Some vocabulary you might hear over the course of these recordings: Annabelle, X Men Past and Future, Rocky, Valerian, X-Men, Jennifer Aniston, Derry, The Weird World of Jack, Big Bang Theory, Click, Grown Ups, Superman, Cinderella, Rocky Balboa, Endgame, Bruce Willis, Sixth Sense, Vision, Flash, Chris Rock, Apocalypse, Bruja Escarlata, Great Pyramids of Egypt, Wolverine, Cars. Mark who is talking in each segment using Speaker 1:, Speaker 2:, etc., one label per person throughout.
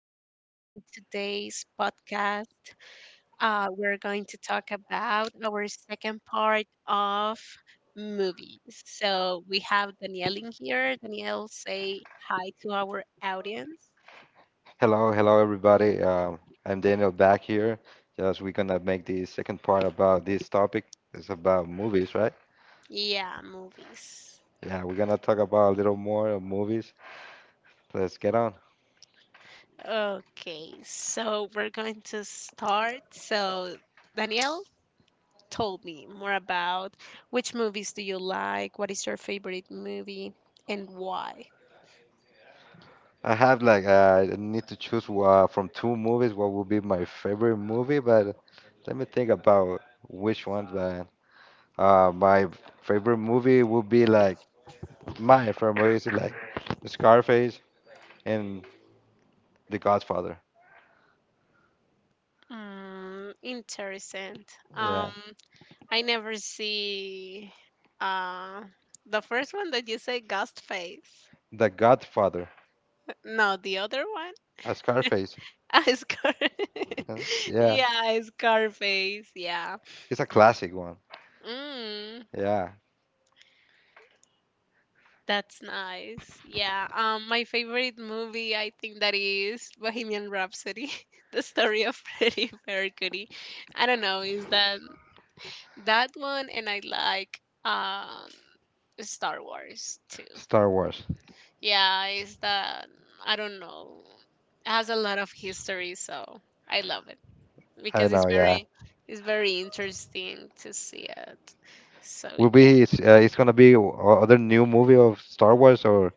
Speaker 1: channel. In today's podcast, we're going to talk about our second part of movies. So we have Danielle in here. Danielle, say hi to our audience.
Speaker 2: Hello, hello everybody. I'm Daniel back here. Just we're gonna make the second part about this topic. It's about movies, right?
Speaker 1: Yeah, movies.
Speaker 2: Yeah, we're gonna talk about a little more of movies. Let's get on.
Speaker 1: Okay, so we're going to start. So Danielle, told me more about which movies do you like? What is your favorite movie and why?
Speaker 2: I have like I need to choose from two movies what will be my favorite movie, but let me think about which ones. But uh, my favorite movie will be like my favorite movie is like Scarface and The Godfather.
Speaker 1: Mm, interesting.
Speaker 2: Yeah,
Speaker 1: Um, I never see uh the first one that you say ghost face.
Speaker 2: The Godfather,
Speaker 1: No, the other one.
Speaker 2: a Scarface.
Speaker 1: Ah, scar.
Speaker 2: Uh, Yeah,
Speaker 1: Yeah, Scarface. Yeah.
Speaker 2: it's a classic one.
Speaker 1: Mm,
Speaker 2: Yeah,
Speaker 1: that's nice. Yeah. My favorite movie, I think that is Bohemian Rhapsody, the story of Freddie Mercury. I don't know. Is that? That one, and I like Star Wars too.
Speaker 2: Star Wars.
Speaker 1: Yeah, it's that I don't know. It has a lot of history, so I love it
Speaker 2: I
Speaker 1: because it's
Speaker 2: know. Yeah,
Speaker 1: very it's very interesting to see it. So
Speaker 2: will
Speaker 1: yeah.
Speaker 2: be it's gonna be other new movie of Star Wars, or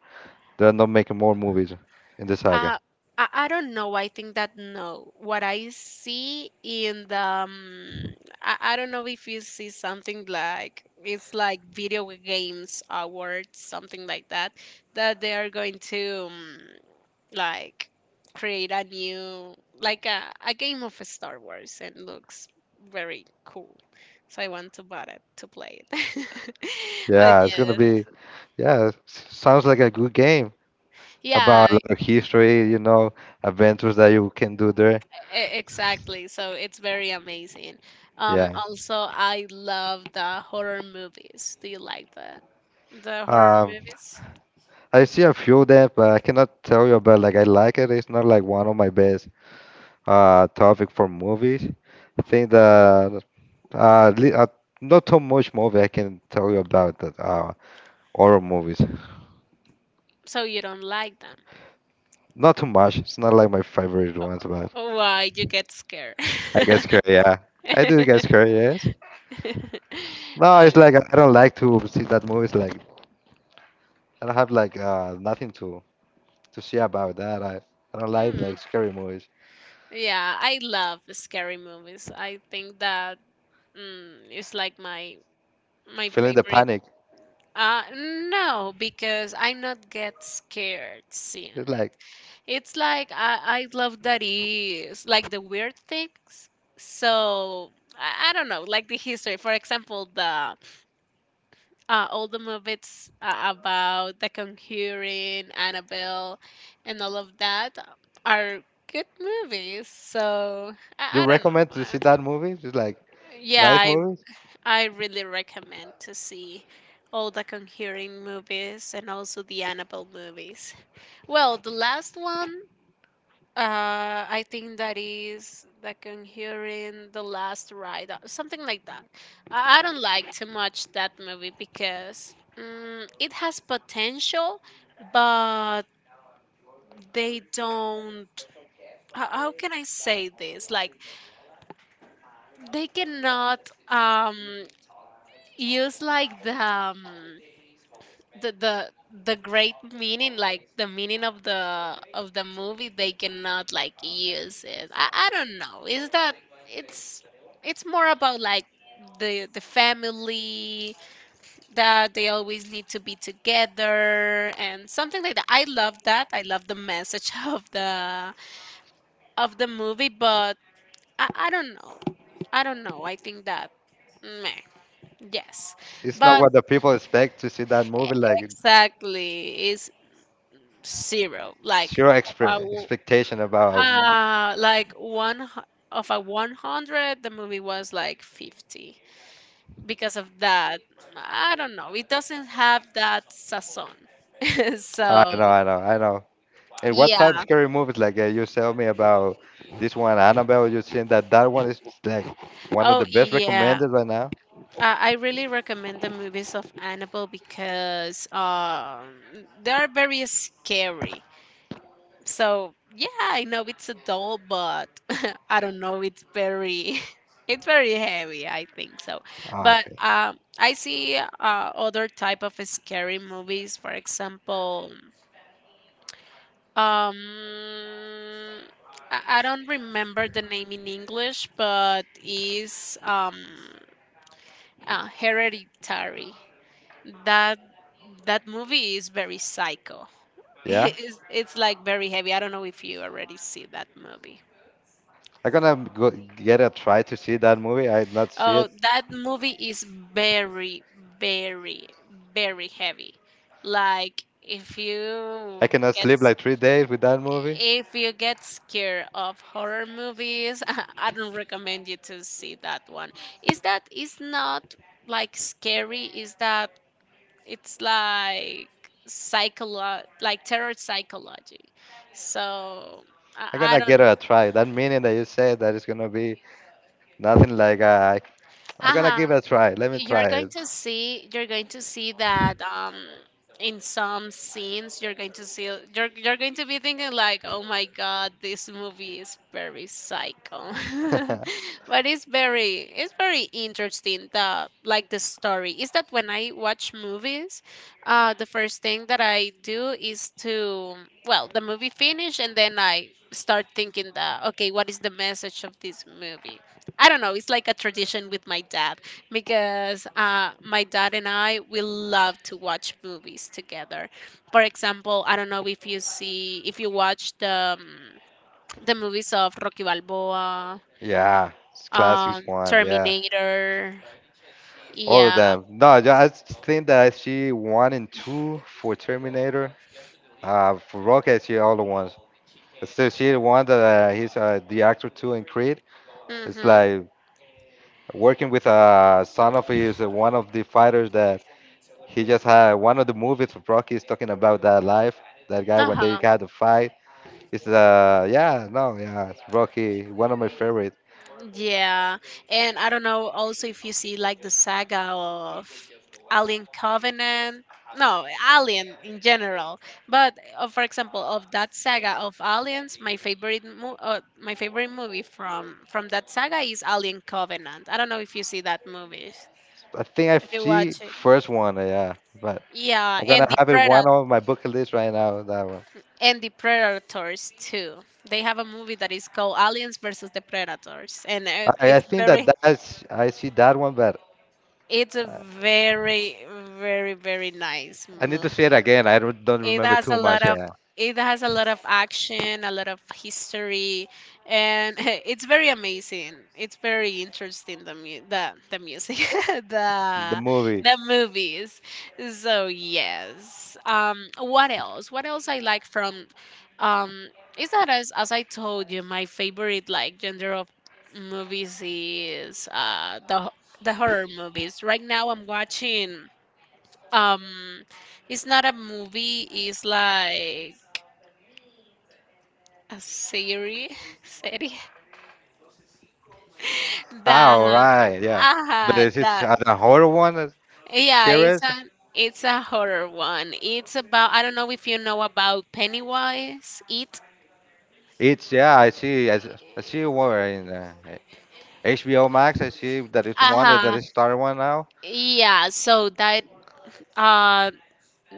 Speaker 2: they're not making more movies in the saga.
Speaker 1: Uh, I don't know. I think that no. What I see in the, I don't know if you see something like it's like video games awards, something like that, that they are going to like create a new like a game of Star Wars and looks very cool. So I want to buy it to play it. But
Speaker 2: Yeah, it's gonna
Speaker 1: yes.
Speaker 2: be. Yeah, sounds like a good game about a
Speaker 1: Yeah,
Speaker 2: lot of history. You know, adventures that you can do there.
Speaker 1: Exactly. So it's very amazing.
Speaker 2: Yeah.
Speaker 1: Also, I love the horror movies. Do you like the horror
Speaker 2: Um,
Speaker 1: movies?
Speaker 2: I see a few of them, but I cannot tell you about like I like it. It's not like one of my best topic for movies. I think that uh, li- uh, not too much movie I can tell you about that horror movies.
Speaker 1: So you don't like them?
Speaker 2: Not too much. It's not like my favorite ones, but
Speaker 1: Oh, why you get scared?
Speaker 2: I guess scared. Yeah, I do get scared. Yes. No,
Speaker 1: Uh,
Speaker 2: it's like I don't like to see that movies. Like I don't have like nothing to see about that. I don't like
Speaker 1: mm,
Speaker 2: like scary movies.
Speaker 1: yeah, I love scary movies. I think that it's like my
Speaker 2: Feeling the
Speaker 1: favorite.
Speaker 2: panic.
Speaker 1: Uh, no, because I not get scared seeing
Speaker 2: It's
Speaker 1: it.
Speaker 2: like
Speaker 1: It's like I love that is like the weird things. So I don't know, like the history. For example, the all the movies about The Conjuring, Annabelle, and all of that are good movies. So
Speaker 2: you
Speaker 1: I don't
Speaker 2: recommend
Speaker 1: know.
Speaker 2: to see that movie. It's like
Speaker 1: Yeah,
Speaker 2: nice
Speaker 1: I
Speaker 2: movies.
Speaker 1: I really recommend to see all the Conjuring movies and also the Annabelle movies. Well, the last one. I think that is that can hear in the last ride, something like that. I don't like too much that movie because it has potential, but they don't. How can I say this? Like they cannot um use like the the the great meaning, like the meaning of the movie, they cannot like use it. I don't know. Is that it's it's more about like the family, that they always need to be together and something like that. I love the message of the movie, but I don't know I don't know I think that, meh, yes.
Speaker 2: It's not
Speaker 1: But
Speaker 2: what the people expect to see that movie. Like
Speaker 1: exactly. It's zero,
Speaker 2: it's
Speaker 1: like
Speaker 2: your
Speaker 1: about
Speaker 2: expectation about.
Speaker 1: like of a 100, the movie was like 50. Because of that, I don't know. It doesn't have that sazon.
Speaker 2: I
Speaker 1: So
Speaker 2: know, I know, I know. And what type of
Speaker 1: yeah.
Speaker 2: scary movies? Like you tell me about this one, Annabelle. You're saying that that one is like one of
Speaker 1: Oh
Speaker 2: the best
Speaker 1: yeah.
Speaker 2: recommended right now.
Speaker 1: I really recommend the movies of Annabelle because they are very scary. So yeah, I know it's a doll, but I don't know. It's very, it's very heavy. I think so.
Speaker 2: Ah,
Speaker 1: But
Speaker 2: okay.
Speaker 1: I see other type of scary movies. For example, um, I don't remember the name in English, but is Hereditary. That that movie is very psycho.
Speaker 2: Yeah.
Speaker 1: It's like very heavy. I don't know if you already see that movie.
Speaker 2: I'm gonna go get a try to see that movie. I did not see
Speaker 1: Oh,
Speaker 2: it.
Speaker 1: that movie is very, very, very heavy. Like if you
Speaker 2: I cannot
Speaker 1: get
Speaker 2: sleep
Speaker 1: s-
Speaker 2: like 3 days with that movie.
Speaker 1: if you get scared of horror movies, I don't recommend you to see that one. Is that is not like scary? Is that it's like psycholo like terror psychology. So
Speaker 2: I'm
Speaker 1: I
Speaker 2: gonna
Speaker 1: don't.
Speaker 2: get a try. That meaning that you said that it's gonna be nothing like I. I'm
Speaker 1: Uh
Speaker 2: gonna
Speaker 1: huh.
Speaker 2: give it a try. Let me
Speaker 1: you're
Speaker 2: try
Speaker 1: going
Speaker 2: it.
Speaker 1: to see you're going to see that in some scenes you're going to see you're going to be thinking like, oh my god, this movie is very psycho. But it's very interesting, the like the story is that when I watch movies the first thing that I do is to, well, the movie finish and then I start thinking that, okay, what is the message of this movie? I don't know. It's like a tradition with my dad, because my dad and I, we love to watch movies together. For example, I don't know if you see, if you watch the movies of Rocky Balboa,
Speaker 2: Yeah, it's classics one. Yeah.
Speaker 1: Terminator.
Speaker 2: All of
Speaker 1: Yeah.
Speaker 2: them. No, I just think that she one and two for Terminator. For Rocket, she all the ones. Still, she the one that he's the actor too in Creed. It's
Speaker 1: Mhm.
Speaker 2: like working with son of his one of the fighters that he just had. One of the movies of Rocky is talking about that life. That guy
Speaker 1: Uh
Speaker 2: when they
Speaker 1: huh.
Speaker 2: got the fight. It's Yeah, no, yeah, it's Rocky, one of my favorites.
Speaker 1: Yeah, and I don't know also if you see like the saga of Alien Covenant. No, Alien in general. But for example, of that saga of Aliens, my favorite my favorite movie from that saga is Alien Covenant. I don't know if you see that movie.
Speaker 2: I think I
Speaker 1: If you
Speaker 2: see
Speaker 1: watch it.
Speaker 2: first one, yeah, but
Speaker 1: Yeah,
Speaker 2: I'm gonna
Speaker 1: and the
Speaker 2: have it one
Speaker 1: Predator
Speaker 2: on my bucket list right now that one.
Speaker 1: and the Predators too. They have a movie that is called Aliens versus the Predators, and
Speaker 2: I
Speaker 1: it's
Speaker 2: think that
Speaker 1: very.
Speaker 2: that's I see that one, but
Speaker 1: It's a very, very, very nice
Speaker 2: I need to see it
Speaker 1: movie.
Speaker 2: again. I don't
Speaker 1: It
Speaker 2: remember
Speaker 1: has
Speaker 2: too
Speaker 1: a
Speaker 2: much.
Speaker 1: lot of
Speaker 2: Yeah,
Speaker 1: it has a lot of action, a lot of history, and it's very amazing. It's very interesting, the music,
Speaker 2: the
Speaker 1: the
Speaker 2: movie.
Speaker 1: the movies. So yes. What else? What else I like from um is that, as I told you, my favorite like genre of movies is the horror movies. Right now I'm watching um it's not a movie, it's like a series, series
Speaker 2: Ah,
Speaker 1: that,
Speaker 2: all right. Yeah, but
Speaker 1: aha,
Speaker 2: is it
Speaker 1: that
Speaker 2: the horror one,
Speaker 1: yeah it's
Speaker 2: series?
Speaker 1: a it's a horror one. It's about, I don't know if you know about Pennywise, it,
Speaker 2: It's yeah. I see. I see one in HBO Max. I see that it's one that
Speaker 1: aha,
Speaker 2: is started one now.
Speaker 1: yeah, so that uh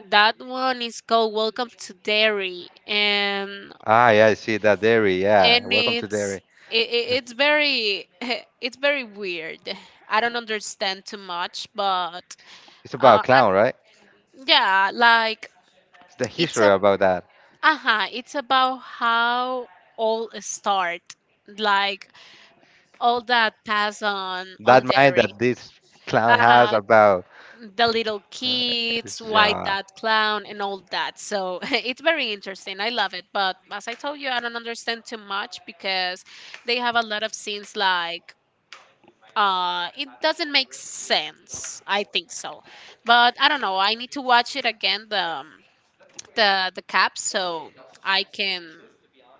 Speaker 1: that one is called Welcome to Dairy,
Speaker 2: Ah, yeah. I see that Derry. Yeah,
Speaker 1: and
Speaker 2: welcome to
Speaker 1: it's
Speaker 2: Derry.
Speaker 1: it's very it's very weird. I don't understand too much, but
Speaker 2: It's about
Speaker 1: Uh,
Speaker 2: clown, right?
Speaker 1: and yeah, like
Speaker 2: It's the
Speaker 1: it's
Speaker 2: history
Speaker 1: a,
Speaker 2: about that.
Speaker 1: uh-huh, it's about how all start, like all that pass
Speaker 2: That
Speaker 1: on
Speaker 2: mind
Speaker 1: dairy.
Speaker 2: that this clown has
Speaker 1: Uh,
Speaker 2: about.
Speaker 1: the little
Speaker 2: Uh,
Speaker 1: kids,
Speaker 2: It's,
Speaker 1: white
Speaker 2: uh,
Speaker 1: that clown, and all that. So it's very interesting. I love it, but as I told you, I don't understand too much because they have a lot of scenes like. It doesn't make sense, I think so, but I don't know. I need to watch it again. The cap, so I can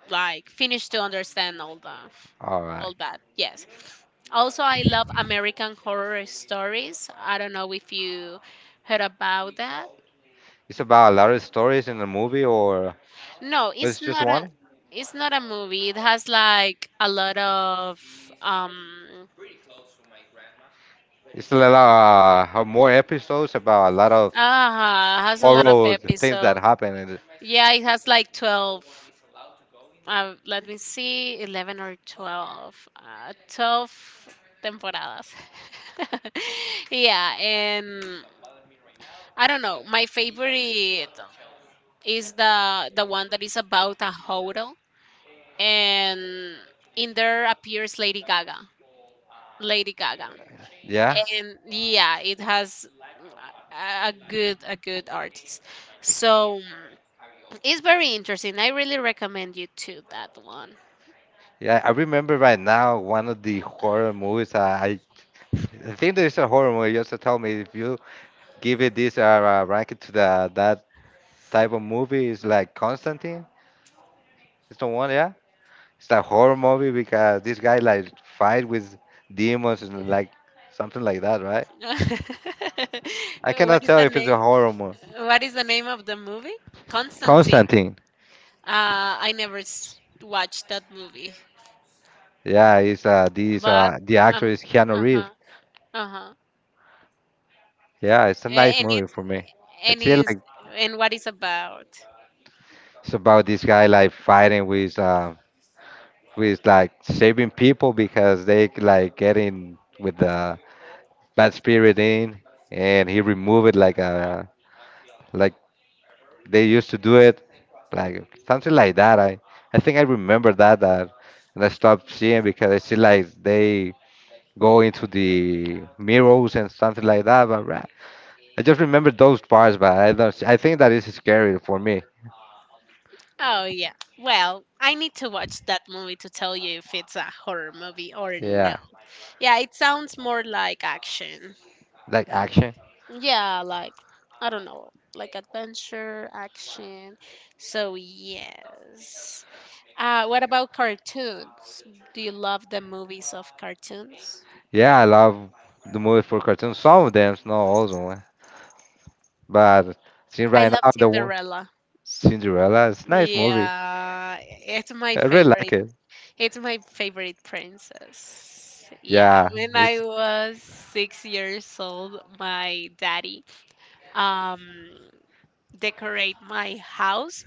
Speaker 1: like finish to understand all the
Speaker 2: all right.
Speaker 1: all that. Yes. Also, I love American Horror Stories. I don't know if you heard about that.
Speaker 2: It's about a lot of stories in the movie, or
Speaker 1: No,
Speaker 2: it's just one.
Speaker 1: it's not a movie. It has like a lot of um
Speaker 2: It's a lot more episodes about a lot of
Speaker 1: has a lot of
Speaker 2: horror things that
Speaker 1: episodes.
Speaker 2: happen. And
Speaker 1: Yeah, it has like 12. Let me see, 11 or 12. 12 temporadas. Yeah, and I don't know. My favorite is the one that is about a hotel, and in there appears Lady Gaga. Lady Gaga,
Speaker 2: yeah,
Speaker 1: and yeah, it has a good artist. So it's very interesting. I really recommend you to that one.
Speaker 2: yeah. I remember right now one of the horror movies. I think there's a horror movie. You also tell me if you give it this ranking to the that type of movie is like Constantine. It's the one, yeah. It's a horror movie because this guy like fight with demons and like something like that, right?
Speaker 1: What
Speaker 2: I cannot
Speaker 1: is
Speaker 2: tell
Speaker 1: the
Speaker 2: if it's
Speaker 1: name?
Speaker 2: a horror
Speaker 1: What is the name of the movie? Constantine.
Speaker 2: Constantine.
Speaker 1: I never watched that movie,
Speaker 2: Yeah, he's this
Speaker 1: but
Speaker 2: the actor
Speaker 1: um,
Speaker 2: is Keanu
Speaker 1: uh huh,
Speaker 2: Reeves.
Speaker 1: uh huh.
Speaker 2: Yeah, it's a nice
Speaker 1: And
Speaker 2: movie
Speaker 1: it's
Speaker 2: for me.
Speaker 1: and
Speaker 2: It's feel
Speaker 1: is
Speaker 2: like
Speaker 1: and what is about?
Speaker 2: it's about this guy like fighting with like saving people because they like getting with the bad spirit in and he remove it like they used to do it like something like that. I think I remember that that and I stopped seeing because I see like they go into the mirrors and something like that but I just remember those parts, but I don't. I think that is scary for me.
Speaker 1: Oh yeah. Well, I need to watch that movie to tell you if it's a horror movie or no.
Speaker 2: Yeah,
Speaker 1: Yeah, it sounds more like action.
Speaker 2: like action.
Speaker 1: Yeah, like I don't know, like adventure, action. So yes. What about cartoons? Do you love the movies of cartoons?
Speaker 2: Yeah, I love the movie for cartoons. Some of them, not all of them. But since
Speaker 1: I
Speaker 2: right
Speaker 1: love
Speaker 2: now, the one
Speaker 1: Cinderella.
Speaker 2: Cinderella, it's nice movie.
Speaker 1: Yeah, it's my
Speaker 2: I really
Speaker 1: favorite.
Speaker 2: like it.
Speaker 1: It's my favorite princess. Yeah,
Speaker 2: Yeah,
Speaker 1: when I
Speaker 2: it's
Speaker 1: was 6 years old, my daddy um decorate my house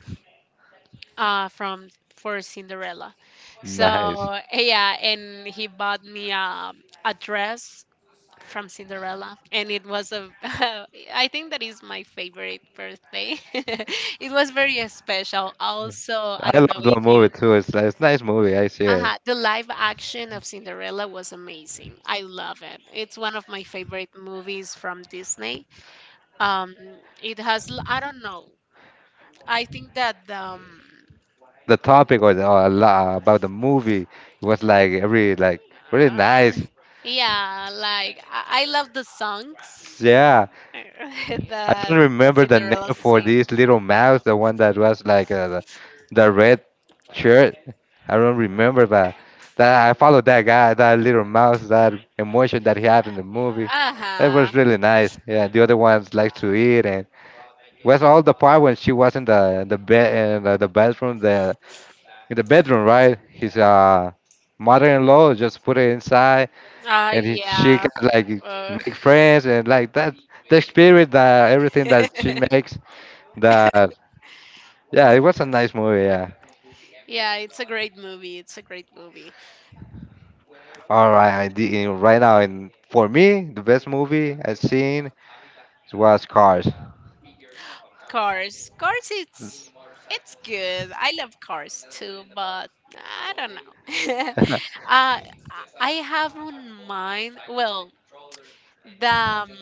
Speaker 1: from for Cinderella.
Speaker 2: nice.
Speaker 1: So yeah, and he bought me a dress from Cinderella, and it was a I think that is my favorite birthday. It was very special. Also, I
Speaker 2: I
Speaker 1: don't know
Speaker 2: love the
Speaker 1: if
Speaker 2: movie
Speaker 1: you.
Speaker 2: too. It's nice movie. I see it.
Speaker 1: Uh-huh. The live action of Cinderella was amazing. I love it. It's one of my favorite movies from Disney. Um, it has, I don't know. I think that
Speaker 2: The topic was a lot about the movie. It was like every like really
Speaker 1: Uh,
Speaker 2: nice.
Speaker 1: yeah, like I love the songs
Speaker 2: Yeah. I
Speaker 1: that
Speaker 2: don't
Speaker 1: that
Speaker 2: remember the
Speaker 1: Cinderella
Speaker 2: name for
Speaker 1: sings.
Speaker 2: this little mouse, the one that was like the, red shirt. I don't remember, but that I followed that guy, that little mouse, that emotion that he had in the movie. That
Speaker 1: Uh-huh.
Speaker 2: was really nice. Yeah, the other ones like to eat and was all the part when she was in the bed in the bathroom, the in the bedroom, right? His mother-in-law just put it inside, and she can
Speaker 1: Yeah.
Speaker 2: like
Speaker 1: Ugh.
Speaker 2: make friends and like that the spirit that everything that she makes that yeah, it
Speaker 1: Mm,
Speaker 2: was a nice movie. Yeah.
Speaker 1: yeah, it's a great movie. It's a great movie.
Speaker 2: All right, I did, right now, and for me, the best movie I've seen was Cars.
Speaker 1: Cars. Cars, it's good. I love cars too, but I don't know. uh I I have on mind. Well, the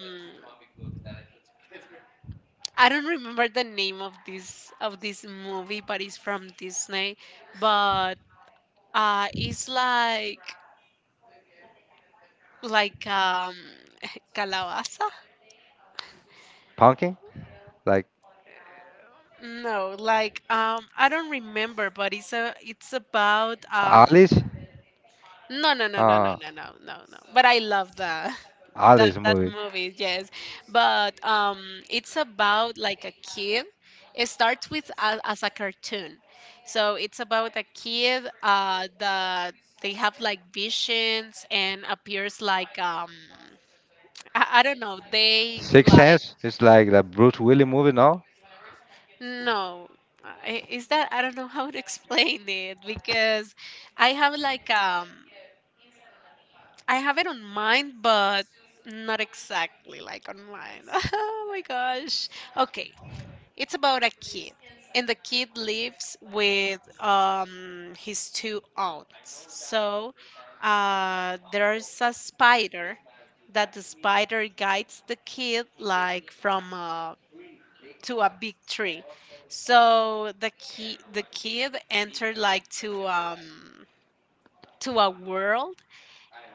Speaker 1: I don't remember the name of this movie, but it's from Disney. But it's like calabaza.
Speaker 2: Punking, like
Speaker 1: No, like I don't remember, but it's a, it's about um,
Speaker 2: Alice,
Speaker 1: no, no, no, no, no,
Speaker 2: uh,
Speaker 1: no, no, no, no. But I love that that
Speaker 2: Alice
Speaker 1: that
Speaker 2: movie.
Speaker 1: movie, yes. But it's about like a kid. It starts with a, as a cartoon, so it's about a kid that they have like visions and appears like I don't know. They
Speaker 2: Six
Speaker 1: like,
Speaker 2: Sense is like the Bruce Willis movie, no?
Speaker 1: no. Is that I don't know how to explain it, because I have like I have it on mind, but not exactly like on mine. Oh my gosh. Okay, it's about a kid, and the kid lives with his two aunts. So there's a spider that the spider guides the kid like from to a big tree. So the kid entered like to a world,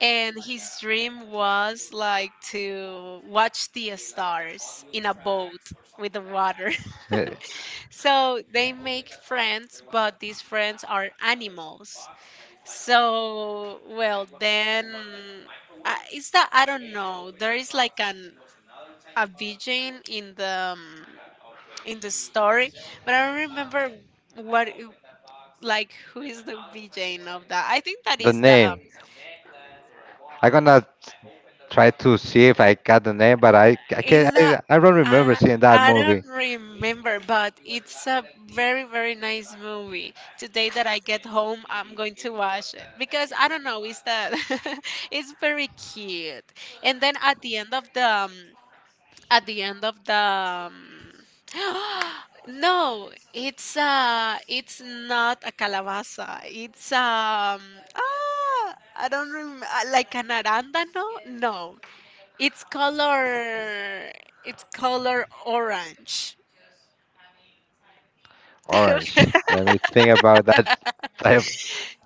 Speaker 1: and his dream was like to watch the stars in a boat with the water.
Speaker 2: Eh,
Speaker 1: So they make friends, but these friends are animals. So, well, then it's that I don't know. There is like an a vision in the story, but I don't remember what it- like who is the vision of that. I think that
Speaker 2: the
Speaker 1: is the.
Speaker 2: name. I gonna try to see if I got the name, but I I can
Speaker 1: Is that
Speaker 2: I, I don't remember
Speaker 1: I
Speaker 2: seeing that
Speaker 1: I
Speaker 2: movie.
Speaker 1: don't remember, but it's a very nice movie. Today that I get home, I'm going to watch it because I don't know. It's that it's very cute. And then at the end of the at the end of the um, no, it's not a calabaza. It's ah, I don't remember, like an arándano. No, no. It's color. It's color orange.
Speaker 2: Orange. Let me think about that I have.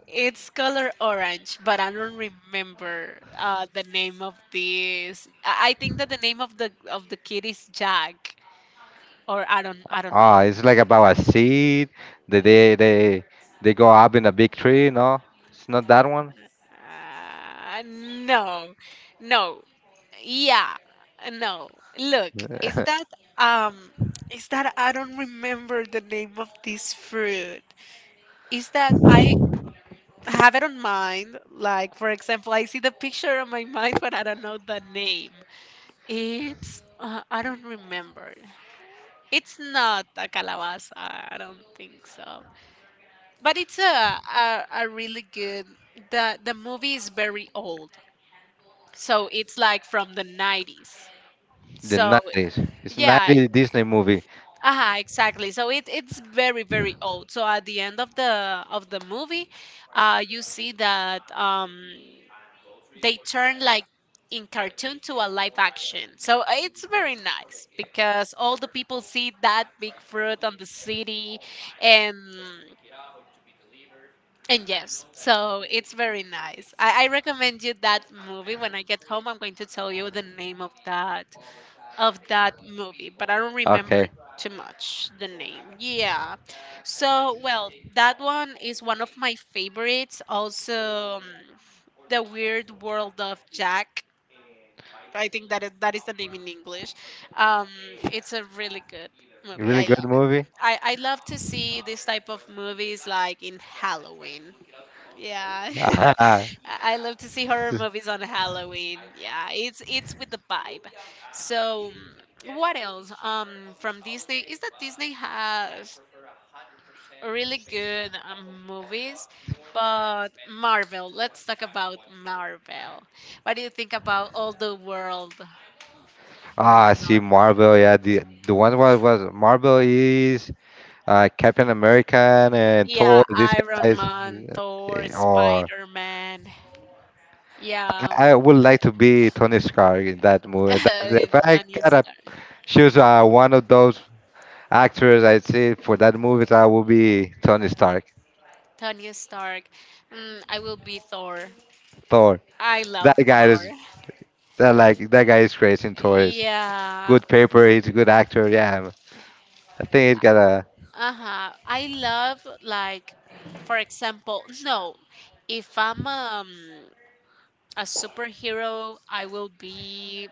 Speaker 1: It's color orange, but I don't remember the name of this. I think that the name of the kid is Jack, or I don't
Speaker 2: Ah,
Speaker 1: know.
Speaker 2: it's like about a seed. They they they they go up in a big tree. No, it's not that one.
Speaker 1: No, no, yeah, no. Look, is
Speaker 2: the
Speaker 1: that um, is that I don't remember the name of this fruit. Is that I? Have it on mind. Like, for example, I see the picture on my mind, but I don't know the name. It's, I don't remember. It's not a calabaza. I don't think so. But it's a really good, the movie is very old. So it's like from the 90s. So,
Speaker 2: nineties. It's
Speaker 1: yeah.
Speaker 2: 90s Disney movie.
Speaker 1: Ah, exactly. So it's very old. So at the end of the movie, you see that they turn like in cartoon to a live action. So it's very nice because all the people see that big fruit on the city and yes, so it's very nice. I recommend you that movie. When I get home, I'm going to tell you the name of that movie, but I don't remember
Speaker 2: Okay,
Speaker 1: too much the name. Yeah. So, well, that one is one of my favorites. Also the Weird World of Jack. I think that is the name in English. Um, it's a really good movie.
Speaker 2: really
Speaker 1: I
Speaker 2: good
Speaker 1: love it.
Speaker 2: movie.
Speaker 1: I love to see this type of movies like in Halloween. Yeah, I love to see horror movies on Halloween. Yeah, it's with the vibe. So, what else? From Disney, is that Disney has really good movies, but Marvel. Let's talk about Marvel. What do you think about all the world for
Speaker 2: Ah, I see
Speaker 1: Marvel?
Speaker 2: Marvel. Yeah, the one was Marvel is Captain American and Thor.
Speaker 1: Yeah,
Speaker 2: These
Speaker 1: Iron
Speaker 2: guys,
Speaker 1: Man, Thor,
Speaker 2: eh, or
Speaker 1: Spider Man. Yeah,
Speaker 2: I would like to be Tony Stark in that movie. That's
Speaker 1: and
Speaker 2: if I
Speaker 1: Tony
Speaker 2: gotta
Speaker 1: Stark.
Speaker 2: choose one of those actors I see for that movie, I will be Tony Stark,
Speaker 1: Tony Stark. I will be Thor.
Speaker 2: Thor.
Speaker 1: I
Speaker 2: That
Speaker 1: love
Speaker 2: guy
Speaker 1: Thor.
Speaker 2: is that like that guy is crazy in Thor. Is
Speaker 1: Yeah.
Speaker 2: good paper. He's a good actor. Yeah, I think he's got a
Speaker 1: Uh-huh. I love like, for example, no. If I'm a superhero, I will be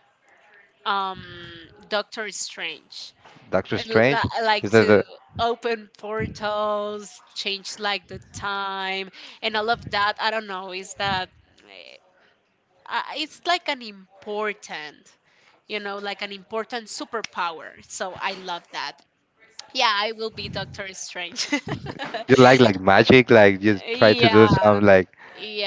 Speaker 1: um Doctor Strange.
Speaker 2: Doctor
Speaker 1: I
Speaker 2: Strange.
Speaker 1: li- like
Speaker 2: Is that
Speaker 1: to open portals, change like the time, and all of that. I don't know. Is that eh, it's like an important, you know, like an important superpower. So I love that. Yeah, I will be Doctor Strange.
Speaker 2: you like like magic? Like you try to do
Speaker 1: Yeah,
Speaker 2: some like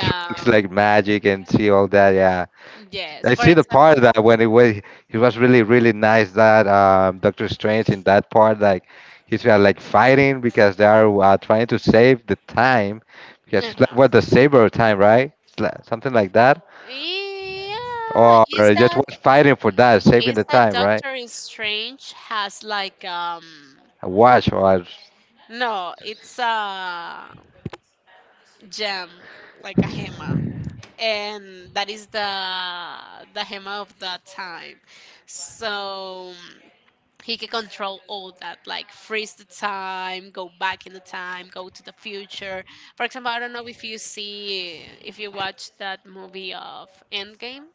Speaker 2: tricks like magic and see all that. Yeah,
Speaker 1: yes.
Speaker 2: I
Speaker 1: For
Speaker 2: see the
Speaker 1: example,
Speaker 2: part that when it was he was really really nice that Doctor Strange in that part like he's like fighting because they are trying to save the time because it's like what
Speaker 1: uh-huh.
Speaker 2: the saber of time right it's like, something like that
Speaker 1: Yeah.
Speaker 2: or
Speaker 1: Is
Speaker 2: just
Speaker 1: that
Speaker 2: was fighting for that saving
Speaker 1: is
Speaker 2: the
Speaker 1: that
Speaker 2: time right
Speaker 1: Doctor Strange has like
Speaker 2: I watch or I,
Speaker 1: no, it's a gem, like a hema, and that is the hema of that time. So he can control all that, like freeze the time, go back in the time, go to the future. For example, I don't know if you watch that movie of Endgame.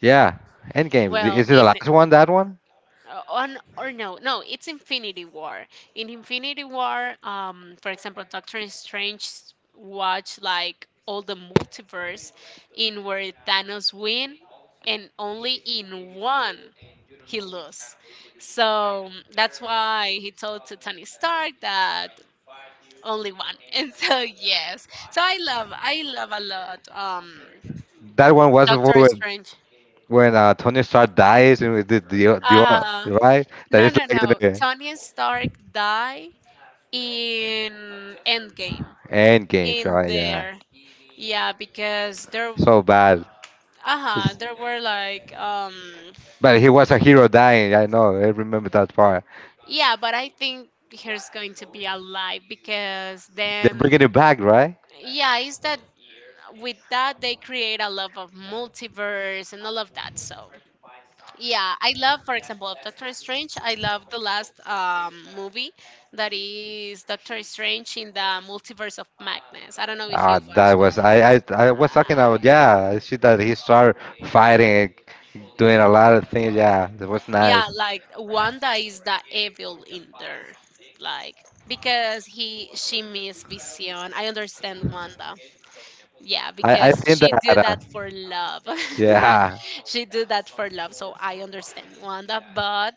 Speaker 2: yeah. Endgame,
Speaker 1: Well,
Speaker 2: is it the
Speaker 1: in
Speaker 2: last one, that one?
Speaker 1: on or no no it's infinity war. In infinity war, for example, doctor strange watched like all the multiverse in where thanos win, and only in one he lose. So that's why he told to tony stark that, only one. And so, yes, so I love a lot,
Speaker 2: That one was
Speaker 1: doctor strange.
Speaker 2: when Tony Stark dies and with the the,
Speaker 1: Uh
Speaker 2: the right that
Speaker 1: no
Speaker 2: is
Speaker 1: no
Speaker 2: like in
Speaker 1: no
Speaker 2: the
Speaker 1: tony stark die in Endgame.
Speaker 2: Endgame,
Speaker 1: In
Speaker 2: right? Yeah,
Speaker 1: there, yeah, because there,
Speaker 2: so bad.
Speaker 1: uh-huh,
Speaker 2: It's-
Speaker 1: there were like,
Speaker 2: But he was a hero dying. I know. I remember that part.
Speaker 1: yeah, but I think he's going to be alive because then,
Speaker 2: They're bringing it back, right?
Speaker 1: yeah, is that with that they create a love of multiverse and all of that. So, yeah, I love, for example, of Doctor Strange. I love the last movie that is Doctor Strange in the Multiverse of Madness. I don't know if you
Speaker 2: Ah, that
Speaker 1: watched that.
Speaker 2: was I. I was talking about yeah. I see that he started fighting, doing a lot of things. Yeah, it was nice.
Speaker 1: Yeah, like Wanda is the evil in there, like because he she missed Vision. I understand Wanda. Yeah,
Speaker 2: I
Speaker 1: because
Speaker 2: think
Speaker 1: she
Speaker 2: that.
Speaker 1: do that for love.
Speaker 2: Yeah,
Speaker 1: She do that for love, so I understand Wanda. But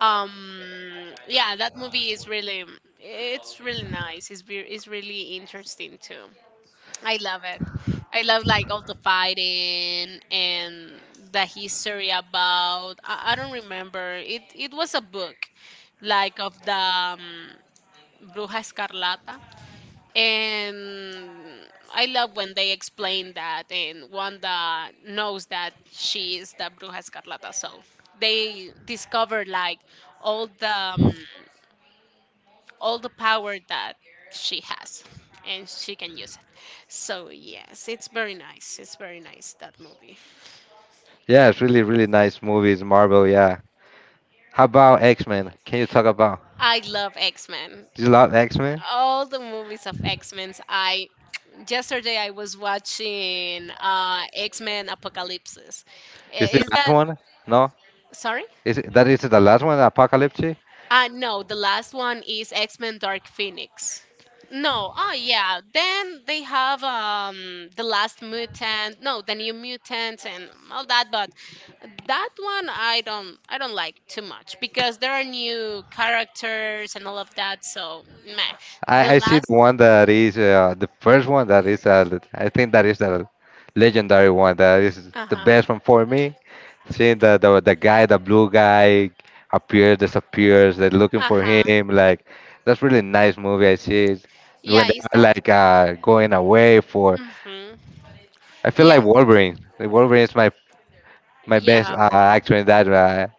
Speaker 1: yeah, that movie is really, it's really nice. It's really interesting too. I love it. I love like all the fighting and the history about. I don't remember. It was a book, like of the Bruja Escarlata, and I love when they explain that, and Wanda knows that she is the Bruja Escarlata. So they discover like all the um, all the power that she has, and she can use it. So, yes, it's very nice. It's very nice that movie.
Speaker 2: yeah. It's really really nice movies. Marvel. Yeah. How about X Men? Can you talk about?
Speaker 1: I love X-Men.
Speaker 2: Do you love X Men?
Speaker 1: All the movies of X-Men. I yesterday I was watching X-Men Apocalypse.
Speaker 2: Is the
Speaker 1: Is
Speaker 2: last
Speaker 1: that,
Speaker 2: one? No.
Speaker 1: sorry?
Speaker 2: Is it, that is the last one? Apocalypse?
Speaker 1: No, the last one is X Men Dark Phoenix. No, oh yeah. Then they have the last mutant, no, the new mutant and all that, but that one I don't like too much because there are new characters and all of that. So, meh. The
Speaker 2: I see the
Speaker 1: last,
Speaker 2: one that is the first one that is I think that is the legendary one that is
Speaker 1: uh
Speaker 2: the
Speaker 1: huh,
Speaker 2: best one for me. Seeing the guy, the blue guy appears, disappears, they're looking
Speaker 1: uh
Speaker 2: for
Speaker 1: huh.
Speaker 2: him. Like that's really nice movie. I see it. When
Speaker 1: Yeah,
Speaker 2: they
Speaker 1: is
Speaker 2: are
Speaker 1: that?
Speaker 2: like going away for.
Speaker 1: Mm-hmm.
Speaker 2: I feel
Speaker 1: Yeah,
Speaker 2: like Wolverine. Like Wolverine is my best
Speaker 1: yeah. Well,
Speaker 2: actor in that.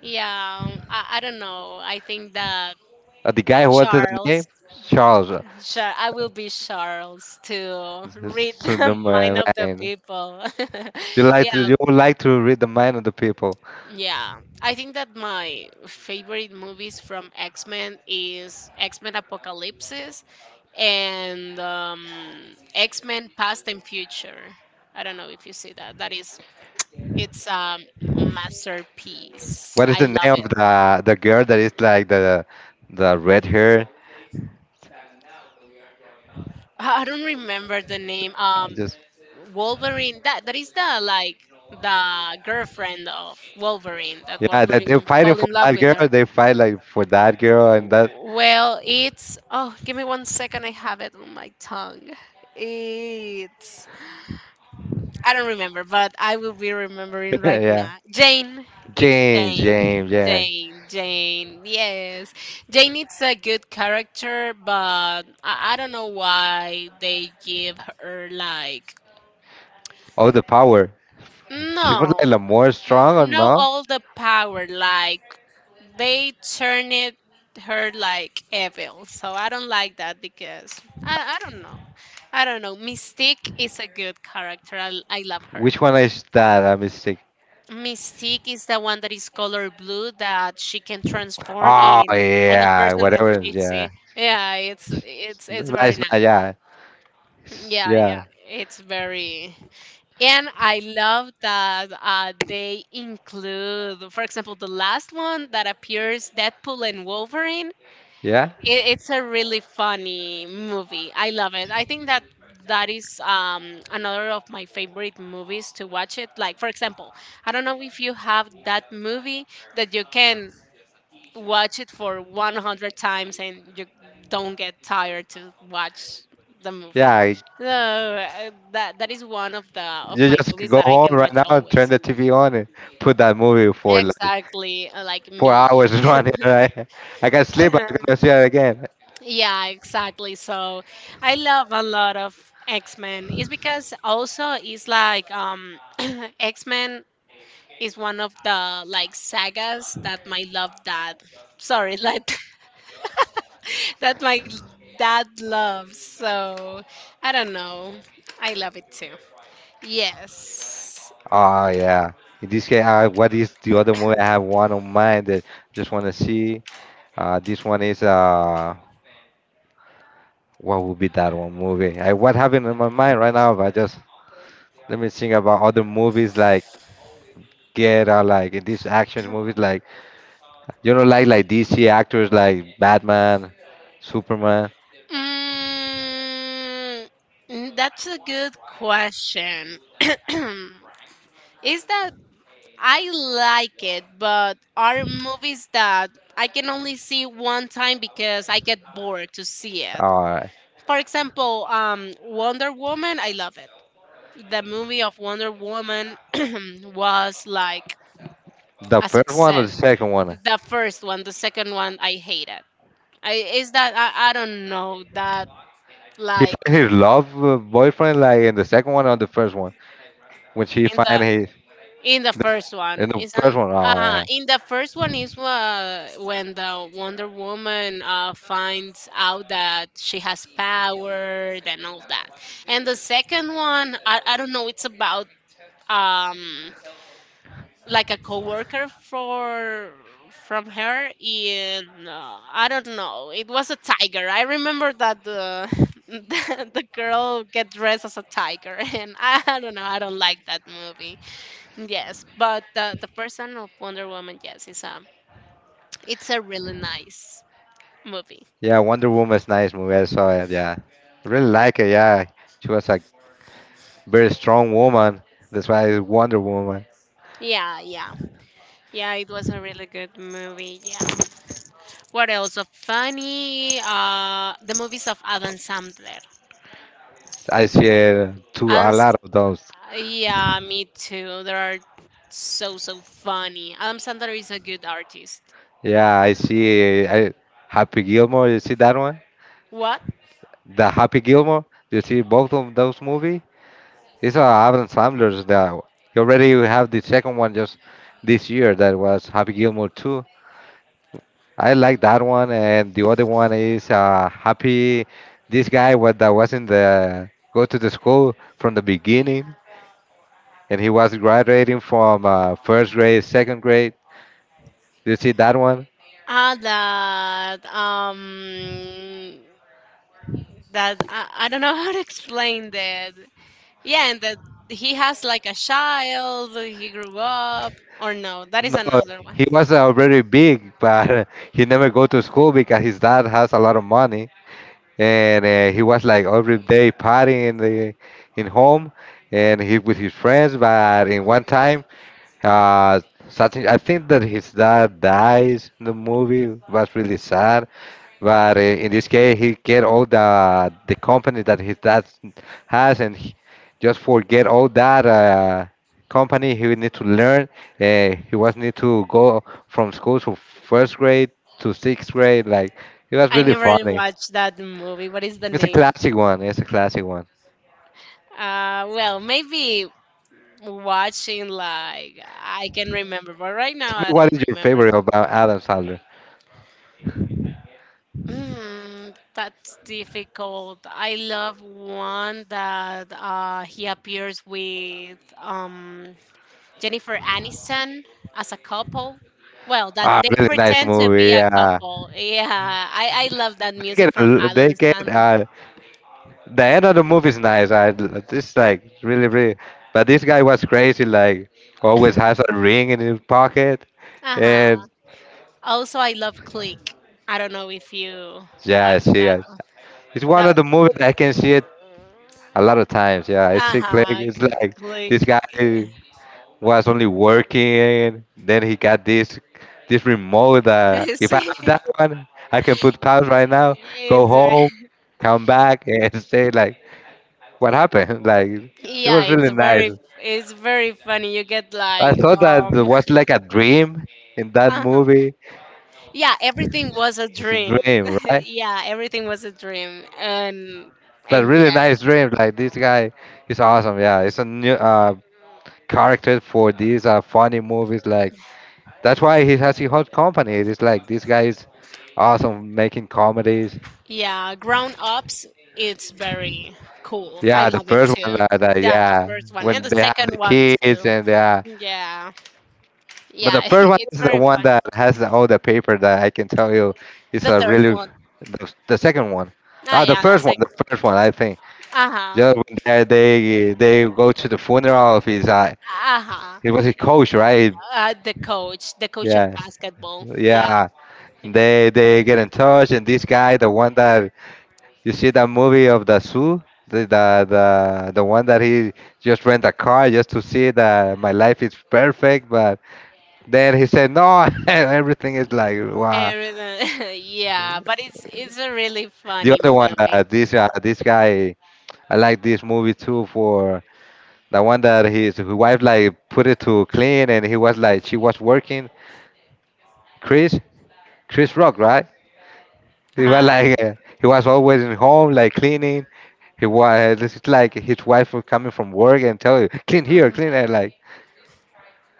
Speaker 1: yeah. I don't know. I think that
Speaker 2: The guy who was the name,
Speaker 1: Charles.
Speaker 2: Charles.
Speaker 1: Sure, I will be Charles to read
Speaker 2: To the
Speaker 1: the mind of the
Speaker 2: man.
Speaker 1: people. Yeah,
Speaker 2: You would like to read the mind of the people.
Speaker 1: yeah. I think that my favorite movies from X Men is X Men Apocalypse and X Men Past and Future. I don't know if you see that. That is, it's a masterpiece.
Speaker 2: What is
Speaker 1: I
Speaker 2: the
Speaker 1: love
Speaker 2: name
Speaker 1: it.
Speaker 2: of the girl that is like the red hair?
Speaker 1: I don't remember the name.
Speaker 2: I just
Speaker 1: Wolverine. That is the like the girlfriend of Wolverine, that
Speaker 2: yeah, that they're
Speaker 1: Wolverine
Speaker 2: fighting
Speaker 1: fell
Speaker 2: for
Speaker 1: in love
Speaker 2: that
Speaker 1: with
Speaker 2: girl.
Speaker 1: her.
Speaker 2: They fight like for that girl and that
Speaker 1: Well, it's, oh, give me 1 second. I have it on my tongue. It's I don't remember, but I will be remembering right
Speaker 2: yeah.
Speaker 1: now. Jane. It's
Speaker 2: James,
Speaker 1: Jane.
Speaker 2: James, yeah.
Speaker 1: Jane. Jane. Yes. Jane is a good character, but I don't know why they give her like
Speaker 2: Oh, the power. She was
Speaker 1: no,
Speaker 2: like the more strong or
Speaker 1: not
Speaker 2: no?
Speaker 1: all the power, like they turn it her like evil, so I don't like that because I don't know. Mystique is a good character, I love her.
Speaker 2: Which one is that? A mistake.
Speaker 1: Mystique is the one that is color blue, that she can transform
Speaker 2: Oh
Speaker 1: in any
Speaker 2: yeah,
Speaker 1: person that
Speaker 2: whatever.
Speaker 1: she see.
Speaker 2: Yeah,
Speaker 1: Yeah, it's very
Speaker 2: nice.
Speaker 1: nice.
Speaker 2: Nah, yeah,
Speaker 1: Yeah, yeah,
Speaker 2: yeah,
Speaker 1: it's very and I love that they include, for example, the last one that appears Deadpool and Wolverine.
Speaker 2: yeah.
Speaker 1: It's a really funny movie. I love it. I think that that is another of my favorite movies to watch it. Like, for example, I don't know if you have that movie that you can watch it for 100 times and you don't get tired to watch the
Speaker 2: Yeah,
Speaker 1: movie.
Speaker 2: I-
Speaker 1: So that that is one of the of
Speaker 2: you
Speaker 1: my
Speaker 2: just
Speaker 1: movies
Speaker 2: go
Speaker 1: that I
Speaker 2: home
Speaker 1: can
Speaker 2: right
Speaker 1: watch
Speaker 2: now and turn
Speaker 1: always.
Speaker 2: the TV on and put that movie for like
Speaker 1: Exactly, like
Speaker 2: four
Speaker 1: me.
Speaker 2: hours running, right? I can sleep, but I'm gonna see it again.
Speaker 1: Yeah, exactly. So I love a lot of X Men. It's because also it's like X Men is one of the like sagas that my love dad. Sorry, like that my dad loves. So I don't know. I love it too. Yes.
Speaker 2: Oh, yeah. In this case, what is the other movie? I have one on mind that just want to see. This one is, what would be that one movie? What happened in my mind right now, but just let me think about other movies like Get Out, like in these action movies, like, like DC actors like Batman, Superman.
Speaker 1: Mm, mm, that's a good question. Is that I like it, but are movies that I can only see one time because I get bored to see it.
Speaker 2: All right.
Speaker 1: For example, Wonder Woman, I love it. The movie of Wonder Woman was like
Speaker 2: The
Speaker 1: a
Speaker 2: first one or the
Speaker 1: success.
Speaker 2: second one?
Speaker 1: The first one, the second one, I hate it. I is that I don't know that
Speaker 2: He
Speaker 1: like
Speaker 2: find his love boyfriend like in the second one or the first one? When she
Speaker 1: in
Speaker 2: find
Speaker 1: the
Speaker 2: his
Speaker 1: in the
Speaker 2: the-
Speaker 1: first one
Speaker 2: in the
Speaker 1: is an
Speaker 2: first one? Oh yeah,
Speaker 1: in the first one is when the Wonder Woman finds out that she has power and all that, and the second one, I don't know, it's about um like a coworker for from her in, I don't know. It was a tiger. I remember that the the girl get dressed as a tiger, and I don't know. I don't like that movie. Yes, but the person of Wonder Woman, yes, is a, it's a really nice movie.
Speaker 2: yeah. Wonder Woman's nice movie. I saw it. Yeah, I really like it. Yeah, she was a very strong woman. That's why it's Wonder Woman.
Speaker 1: Yeah, yeah, yeah. It was a really good movie. Yeah. What else? Of funny, the movies of Adam Sandler.
Speaker 2: I see two a
Speaker 1: Adam,
Speaker 2: lot of those.
Speaker 1: Yeah, me too. They are so funny. Adam Sandler is a good artist.
Speaker 2: Yeah, I see. Happy Gilmore. You see that one?
Speaker 1: What?
Speaker 2: The Happy Gilmore. You see both of those movies? It's Adam Sandler's that he already have the second one just this year that was Happy Gilmore 2. I like that one and the other one is Happy this guy what that was in the go to the school from the beginning and he was graduating from first grade, second grade. You see that one?
Speaker 1: Ah, that that I don't know how to explain that. Yeah, and that he has like a child. He grew up, or no? That is
Speaker 2: No,
Speaker 1: another one.
Speaker 2: he was already big, but he never go to school because his dad has a lot of money and he was like every day partying in the in home and he with his friends but in one time uh something I think that his dad dies in the movie. It was really sad but in this case he get all the company that his dad has and he, just forget all that company he need to learn, he was need to go from school to first grade to sixth grade like it was
Speaker 1: I
Speaker 2: really
Speaker 1: never
Speaker 2: funny.
Speaker 1: watched that movie. What is the
Speaker 2: It's a
Speaker 1: name?
Speaker 2: classic one. It's a classic one.
Speaker 1: Maybe watching like I can remember, but right now
Speaker 2: Tell
Speaker 1: I
Speaker 2: me, what
Speaker 1: don't
Speaker 2: is your
Speaker 1: remember.
Speaker 2: favorite about Adam Sandler?
Speaker 1: Mm, that's difficult. I love one that he appears with Jennifer Aniston as a couple. Well, that
Speaker 2: Ah,
Speaker 1: they
Speaker 2: really nice
Speaker 1: pretend to
Speaker 2: movie.
Speaker 1: be a
Speaker 2: Yeah,
Speaker 1: couple. Yeah, I love that music from
Speaker 2: they
Speaker 1: Adam
Speaker 2: get
Speaker 1: Sandler.
Speaker 2: the end of the movie is nice. I it's like really, but this guy was crazy. Like always has a ring in his pocket, and
Speaker 1: Uh-huh. Also, I love Click. I don't know if you
Speaker 2: yeah,
Speaker 1: watch
Speaker 2: she.
Speaker 1: that. One.
Speaker 2: It's one of
Speaker 1: That
Speaker 2: the movies I can see it a lot of times. Yeah, it's like
Speaker 1: uh-huh,
Speaker 2: it's like this
Speaker 1: Click.
Speaker 2: guy was only working. Then he got this this remote that if I
Speaker 1: See,
Speaker 2: have that one, I can put pause right now, go
Speaker 1: it's very.
Speaker 2: home, come back, and say like, what happened? Like, it
Speaker 1: Yeah,
Speaker 2: was
Speaker 1: it's
Speaker 2: really nice.
Speaker 1: very it's very funny. You get
Speaker 2: I
Speaker 1: like
Speaker 2: thought that
Speaker 1: um
Speaker 2: it was like a dream in that
Speaker 1: uh-huh.
Speaker 2: movie.
Speaker 1: Yeah, everything was a
Speaker 2: It's a
Speaker 1: dream.
Speaker 2: dream, right?
Speaker 1: Yeah, everything was a dream. And
Speaker 2: But really
Speaker 1: yes.
Speaker 2: nice dream. Like this guy is awesome. Yeah, it's a new character for these funny movies. Like that's why he has his whole company. It's like this guy is awesome making comedies.
Speaker 1: Yeah, grown ups, it's very cool. I
Speaker 2: Yeah, the
Speaker 1: love it
Speaker 2: first one
Speaker 1: too.
Speaker 2: that
Speaker 1: Yeah, the
Speaker 2: yeah,
Speaker 1: first one and
Speaker 2: when
Speaker 1: the
Speaker 2: they have
Speaker 1: second
Speaker 2: the
Speaker 1: one
Speaker 2: kids
Speaker 1: too.
Speaker 2: and yeah,
Speaker 1: Yeah.
Speaker 2: but the
Speaker 1: Yeah,
Speaker 2: first one
Speaker 1: it's
Speaker 2: is the
Speaker 1: very
Speaker 2: one
Speaker 1: fun.
Speaker 2: that has all the paper that I can tell you is
Speaker 1: The
Speaker 2: a
Speaker 1: third
Speaker 2: really
Speaker 1: one.
Speaker 2: the second one.
Speaker 1: Ah
Speaker 2: Ah,
Speaker 1: yeah, the
Speaker 2: the
Speaker 1: second.
Speaker 2: first one, I think.
Speaker 1: Uh-huh.
Speaker 2: Just when they go to the funeral of his
Speaker 1: Uh-huh.
Speaker 2: he was a coach, right?
Speaker 1: The coach of
Speaker 2: Yeah,
Speaker 1: basketball. Yeah.
Speaker 2: yeah. They get in touch and this guy, the one that. You see that movie of the zoo, the one that he just rent a car just to see that my life is perfect, but then he said no, everything is like wow.
Speaker 1: Everything. Yeah, but it's a really
Speaker 2: The
Speaker 1: funny
Speaker 2: other one,
Speaker 1: movie.
Speaker 2: this guy, I like this movie too for the one that his wife like put it to clean and he was like she was working. Chris, Chris Rock, right? He was
Speaker 1: Uh,
Speaker 2: like he was always in home like cleaning. He was it's like his wife was coming from work and tell you clean here,
Speaker 1: uh,
Speaker 2: clean there, like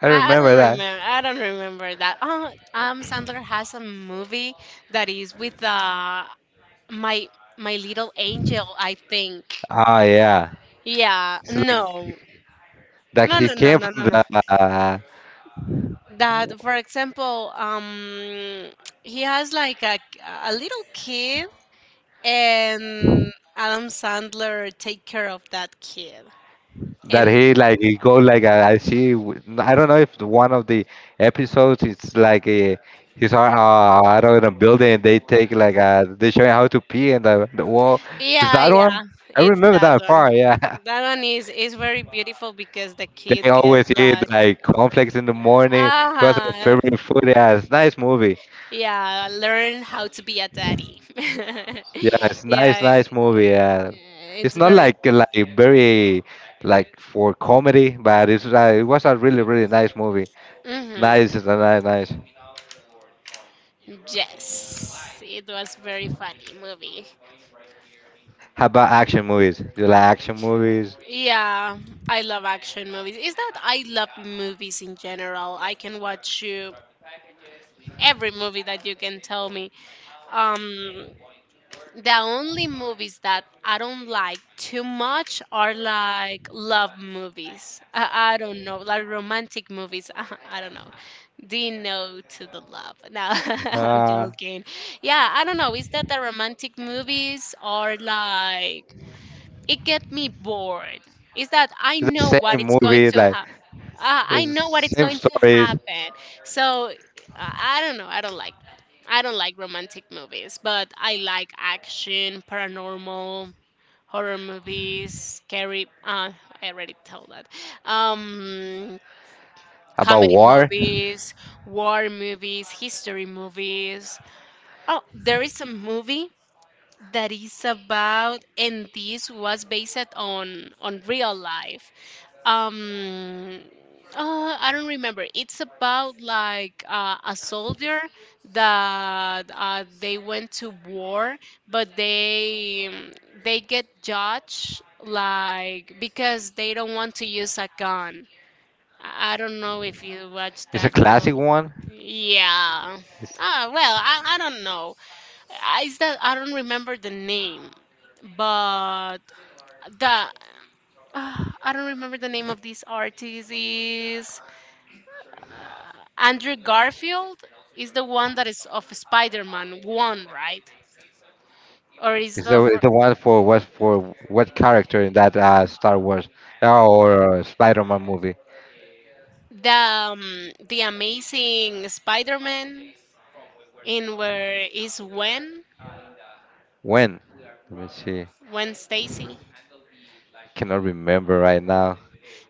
Speaker 2: I
Speaker 1: I don't
Speaker 2: remember that.
Speaker 1: remember. I don't remember that. Oh, Sandler has a movie that is with my my little angel. I think.
Speaker 2: Ah, yeah.
Speaker 1: Yeah.
Speaker 2: So like,
Speaker 1: No.
Speaker 2: that
Speaker 1: No.
Speaker 2: he
Speaker 1: No. No.
Speaker 2: came
Speaker 1: No.
Speaker 2: from
Speaker 1: No. No.
Speaker 2: the uh,
Speaker 1: That, for example, he has like a little kid, and Adam Sandler take care of that kid.
Speaker 2: that
Speaker 1: And.
Speaker 2: he like he go like I see. I don't know if the one of the episodes it's like a, he's out in a building and they take like they show him how to pee in the wall. Is
Speaker 1: Yeah,
Speaker 2: that one?
Speaker 1: yeah,
Speaker 2: I
Speaker 1: it's
Speaker 2: remember
Speaker 1: that
Speaker 2: that
Speaker 1: one.
Speaker 2: part. Yeah.
Speaker 1: That one is very beautiful because the kid
Speaker 2: They
Speaker 1: gets
Speaker 2: always eat
Speaker 1: like,
Speaker 2: like cornflakes in the morning. It was my
Speaker 1: ah,
Speaker 2: favorite food. Yeah, it's nice movie.
Speaker 1: yeah, learn how to be a daddy.
Speaker 2: Yeah, it's
Speaker 1: Yeah,
Speaker 2: nice movie. Yeah, it's
Speaker 1: it's
Speaker 2: not
Speaker 1: very
Speaker 2: like like very like for comedy, but it's it was a really nice movie.
Speaker 1: hmm.
Speaker 2: Nice, it's a nice.
Speaker 1: Yes, it was very funny movie.
Speaker 2: How about action movies? Do you like action movies?
Speaker 1: Yeah, I love action movies. Is that I love movies in general. I can watch you every movie that you can tell me. Um, the only movies that I don't like too much are like love movies. I don't know, like romantic movies. I don't know. The no to the love. No, I'm
Speaker 2: Uh,
Speaker 1: joking. Yeah, I don't know. Is that the romantic movies are like it get me bored, is that I
Speaker 2: it's
Speaker 1: know
Speaker 2: the
Speaker 1: what
Speaker 2: same
Speaker 1: it's going
Speaker 2: movies,
Speaker 1: to
Speaker 2: like
Speaker 1: happen, I
Speaker 2: it's the
Speaker 1: know what it's
Speaker 2: same
Speaker 1: going to
Speaker 2: stories
Speaker 1: happen, so I don't know, I don't like that. I don't like romantic movies, but I like action, paranormal, horror movies, scary, I already told that. um
Speaker 2: about
Speaker 1: Comedy
Speaker 2: war.
Speaker 1: movies, war movies, history movies. Oh, there is a movie that is about, and this was based on real life, um I don't remember. It's about like a soldier that they went to war, but they get judged like because they don't want to use a gun. I don't know if you watched
Speaker 2: It's a
Speaker 1: that
Speaker 2: classic
Speaker 1: movie.
Speaker 2: one.
Speaker 1: Yeah.
Speaker 2: It's,
Speaker 1: Ah well, I don't know. Is that I don't remember the name, but the ah, I don't remember the name of this artist, is uh, Andrew Garfield is the one that is of Spider-Man one, right? Or is the
Speaker 2: it's
Speaker 1: fir-
Speaker 2: the one for what character in that Star Wars or Spider-Man movie?
Speaker 1: The the Amazing Spider-Man, in where is Gwen.
Speaker 2: When? Let me see.
Speaker 1: Gwen Stacy?
Speaker 2: Cannot remember right now.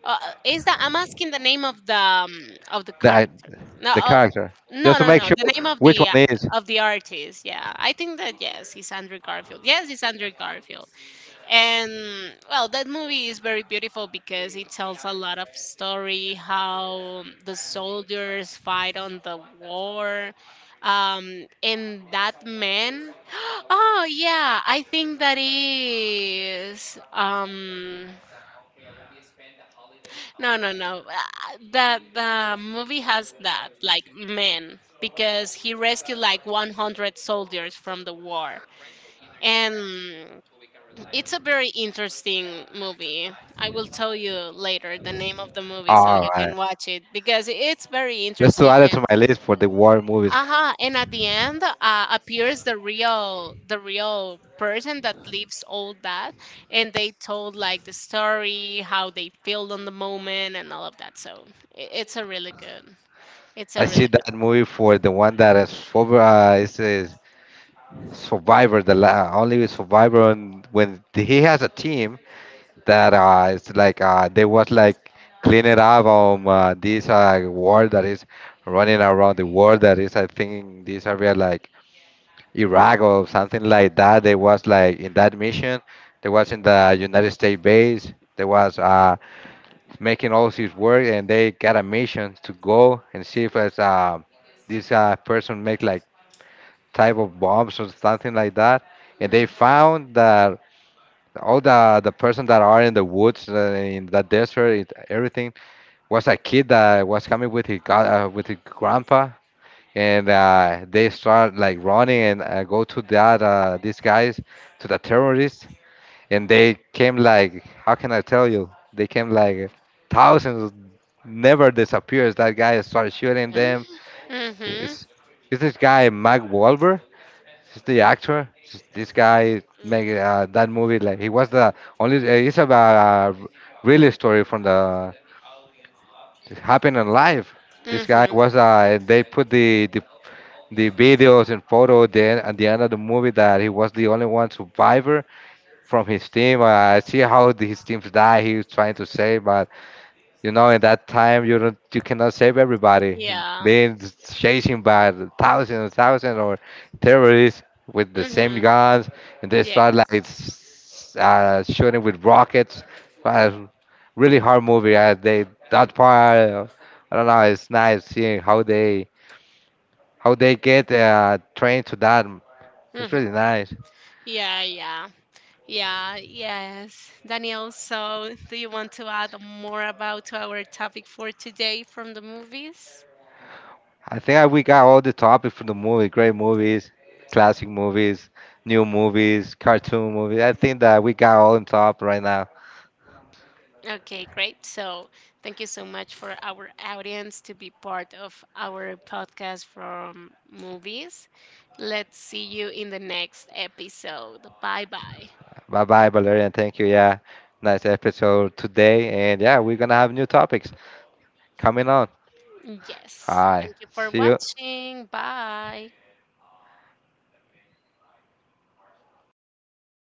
Speaker 1: Is that I'm asking the name of the
Speaker 2: That
Speaker 1: character? No,
Speaker 2: the character.
Speaker 1: no,
Speaker 2: Just to
Speaker 1: no,
Speaker 2: make
Speaker 1: no.
Speaker 2: sure
Speaker 1: The name
Speaker 2: which one is.
Speaker 1: of the artist. Yeah, I think that yes, it's Andrew Garfield. Yes, it's Andrew Garfield. And well, that movie is very beautiful because it tells a lot of story how the soldiers fight on the war. And that man. Oh yeah, I think that is. No, no, no. The movie has that like man because he rescued like 100 soldiers from the war, and it's a very interesting movie. I will tell you later the name of the movie so
Speaker 2: All
Speaker 1: you
Speaker 2: right.
Speaker 1: can watch it because it's very
Speaker 2: Just to
Speaker 1: interesting,
Speaker 2: add it
Speaker 1: and
Speaker 2: to my list for the war movies.
Speaker 1: uh-huh, and at the end appears the real person that lives all that, and they told like the story how they feel on the moment and all of that. So it's a really good, it's
Speaker 2: I
Speaker 1: a
Speaker 2: see
Speaker 1: really
Speaker 2: that movie for the one that is over. It says Survivor. Only Survivor and when he has a team that it's like they was like clean it up on this war that is running around the world. That is, I think, these area like Iraq or something like that. They was like in that mission. They was in the United States base. They was making all his work, and they got a mission to go and see if it's, this person make like type of bombs or something like that. And
Speaker 1: good.
Speaker 2: they found that all the person that are in the woods, in the desert, it, everything was a kid that was coming with his god, with his grandpa, and they start like running and go to that these guys to the terrorists and they came like how can I tell you they came like thousands. Never disappears that guy started shooting them.
Speaker 1: Mm-hmm. Mm-hmm.
Speaker 2: It's, is this guy Mark Wahlberg? Is the actor? Is this guy make that movie like he was the only. It's about a real story from the it happened in life. This guy
Speaker 1: Mm-hmm.
Speaker 2: was they put the the videos and photo then at the end of the movie that he was the only one survivor from his team. I see how his teams die. He was trying to save but you know in that time you don't you cannot save everybody,
Speaker 1: Yeah.
Speaker 2: being chasing by the thousands and thousands or terrorists with the same
Speaker 1: Mm-hmm.
Speaker 2: guns and they start
Speaker 1: Yes.
Speaker 2: like shooting with rockets but really hard movie. They that part I don't know it's nice seeing how they get trained to that. It's
Speaker 1: Mhm.
Speaker 2: really nice.
Speaker 1: Yeah, yeah, yeah, yes, Daniel, so do you want to add more about our topic for today from the movies?
Speaker 2: I think we got all the topic for the movie. Great movies, classic movies, new movies, cartoon movies. I think that we got all on top right now.
Speaker 1: Okay, great. So, thank you so much for our audience to be part of our podcast from movies. Let's see you in the next episode. Bye bye.
Speaker 2: Bye bye, Valerian. Thank you. Yeah, nice episode today. And yeah, we're gonna have new topics coming on. All
Speaker 1: Yes.
Speaker 2: right.
Speaker 1: Thank you for
Speaker 2: See you.
Speaker 1: watching. Bye.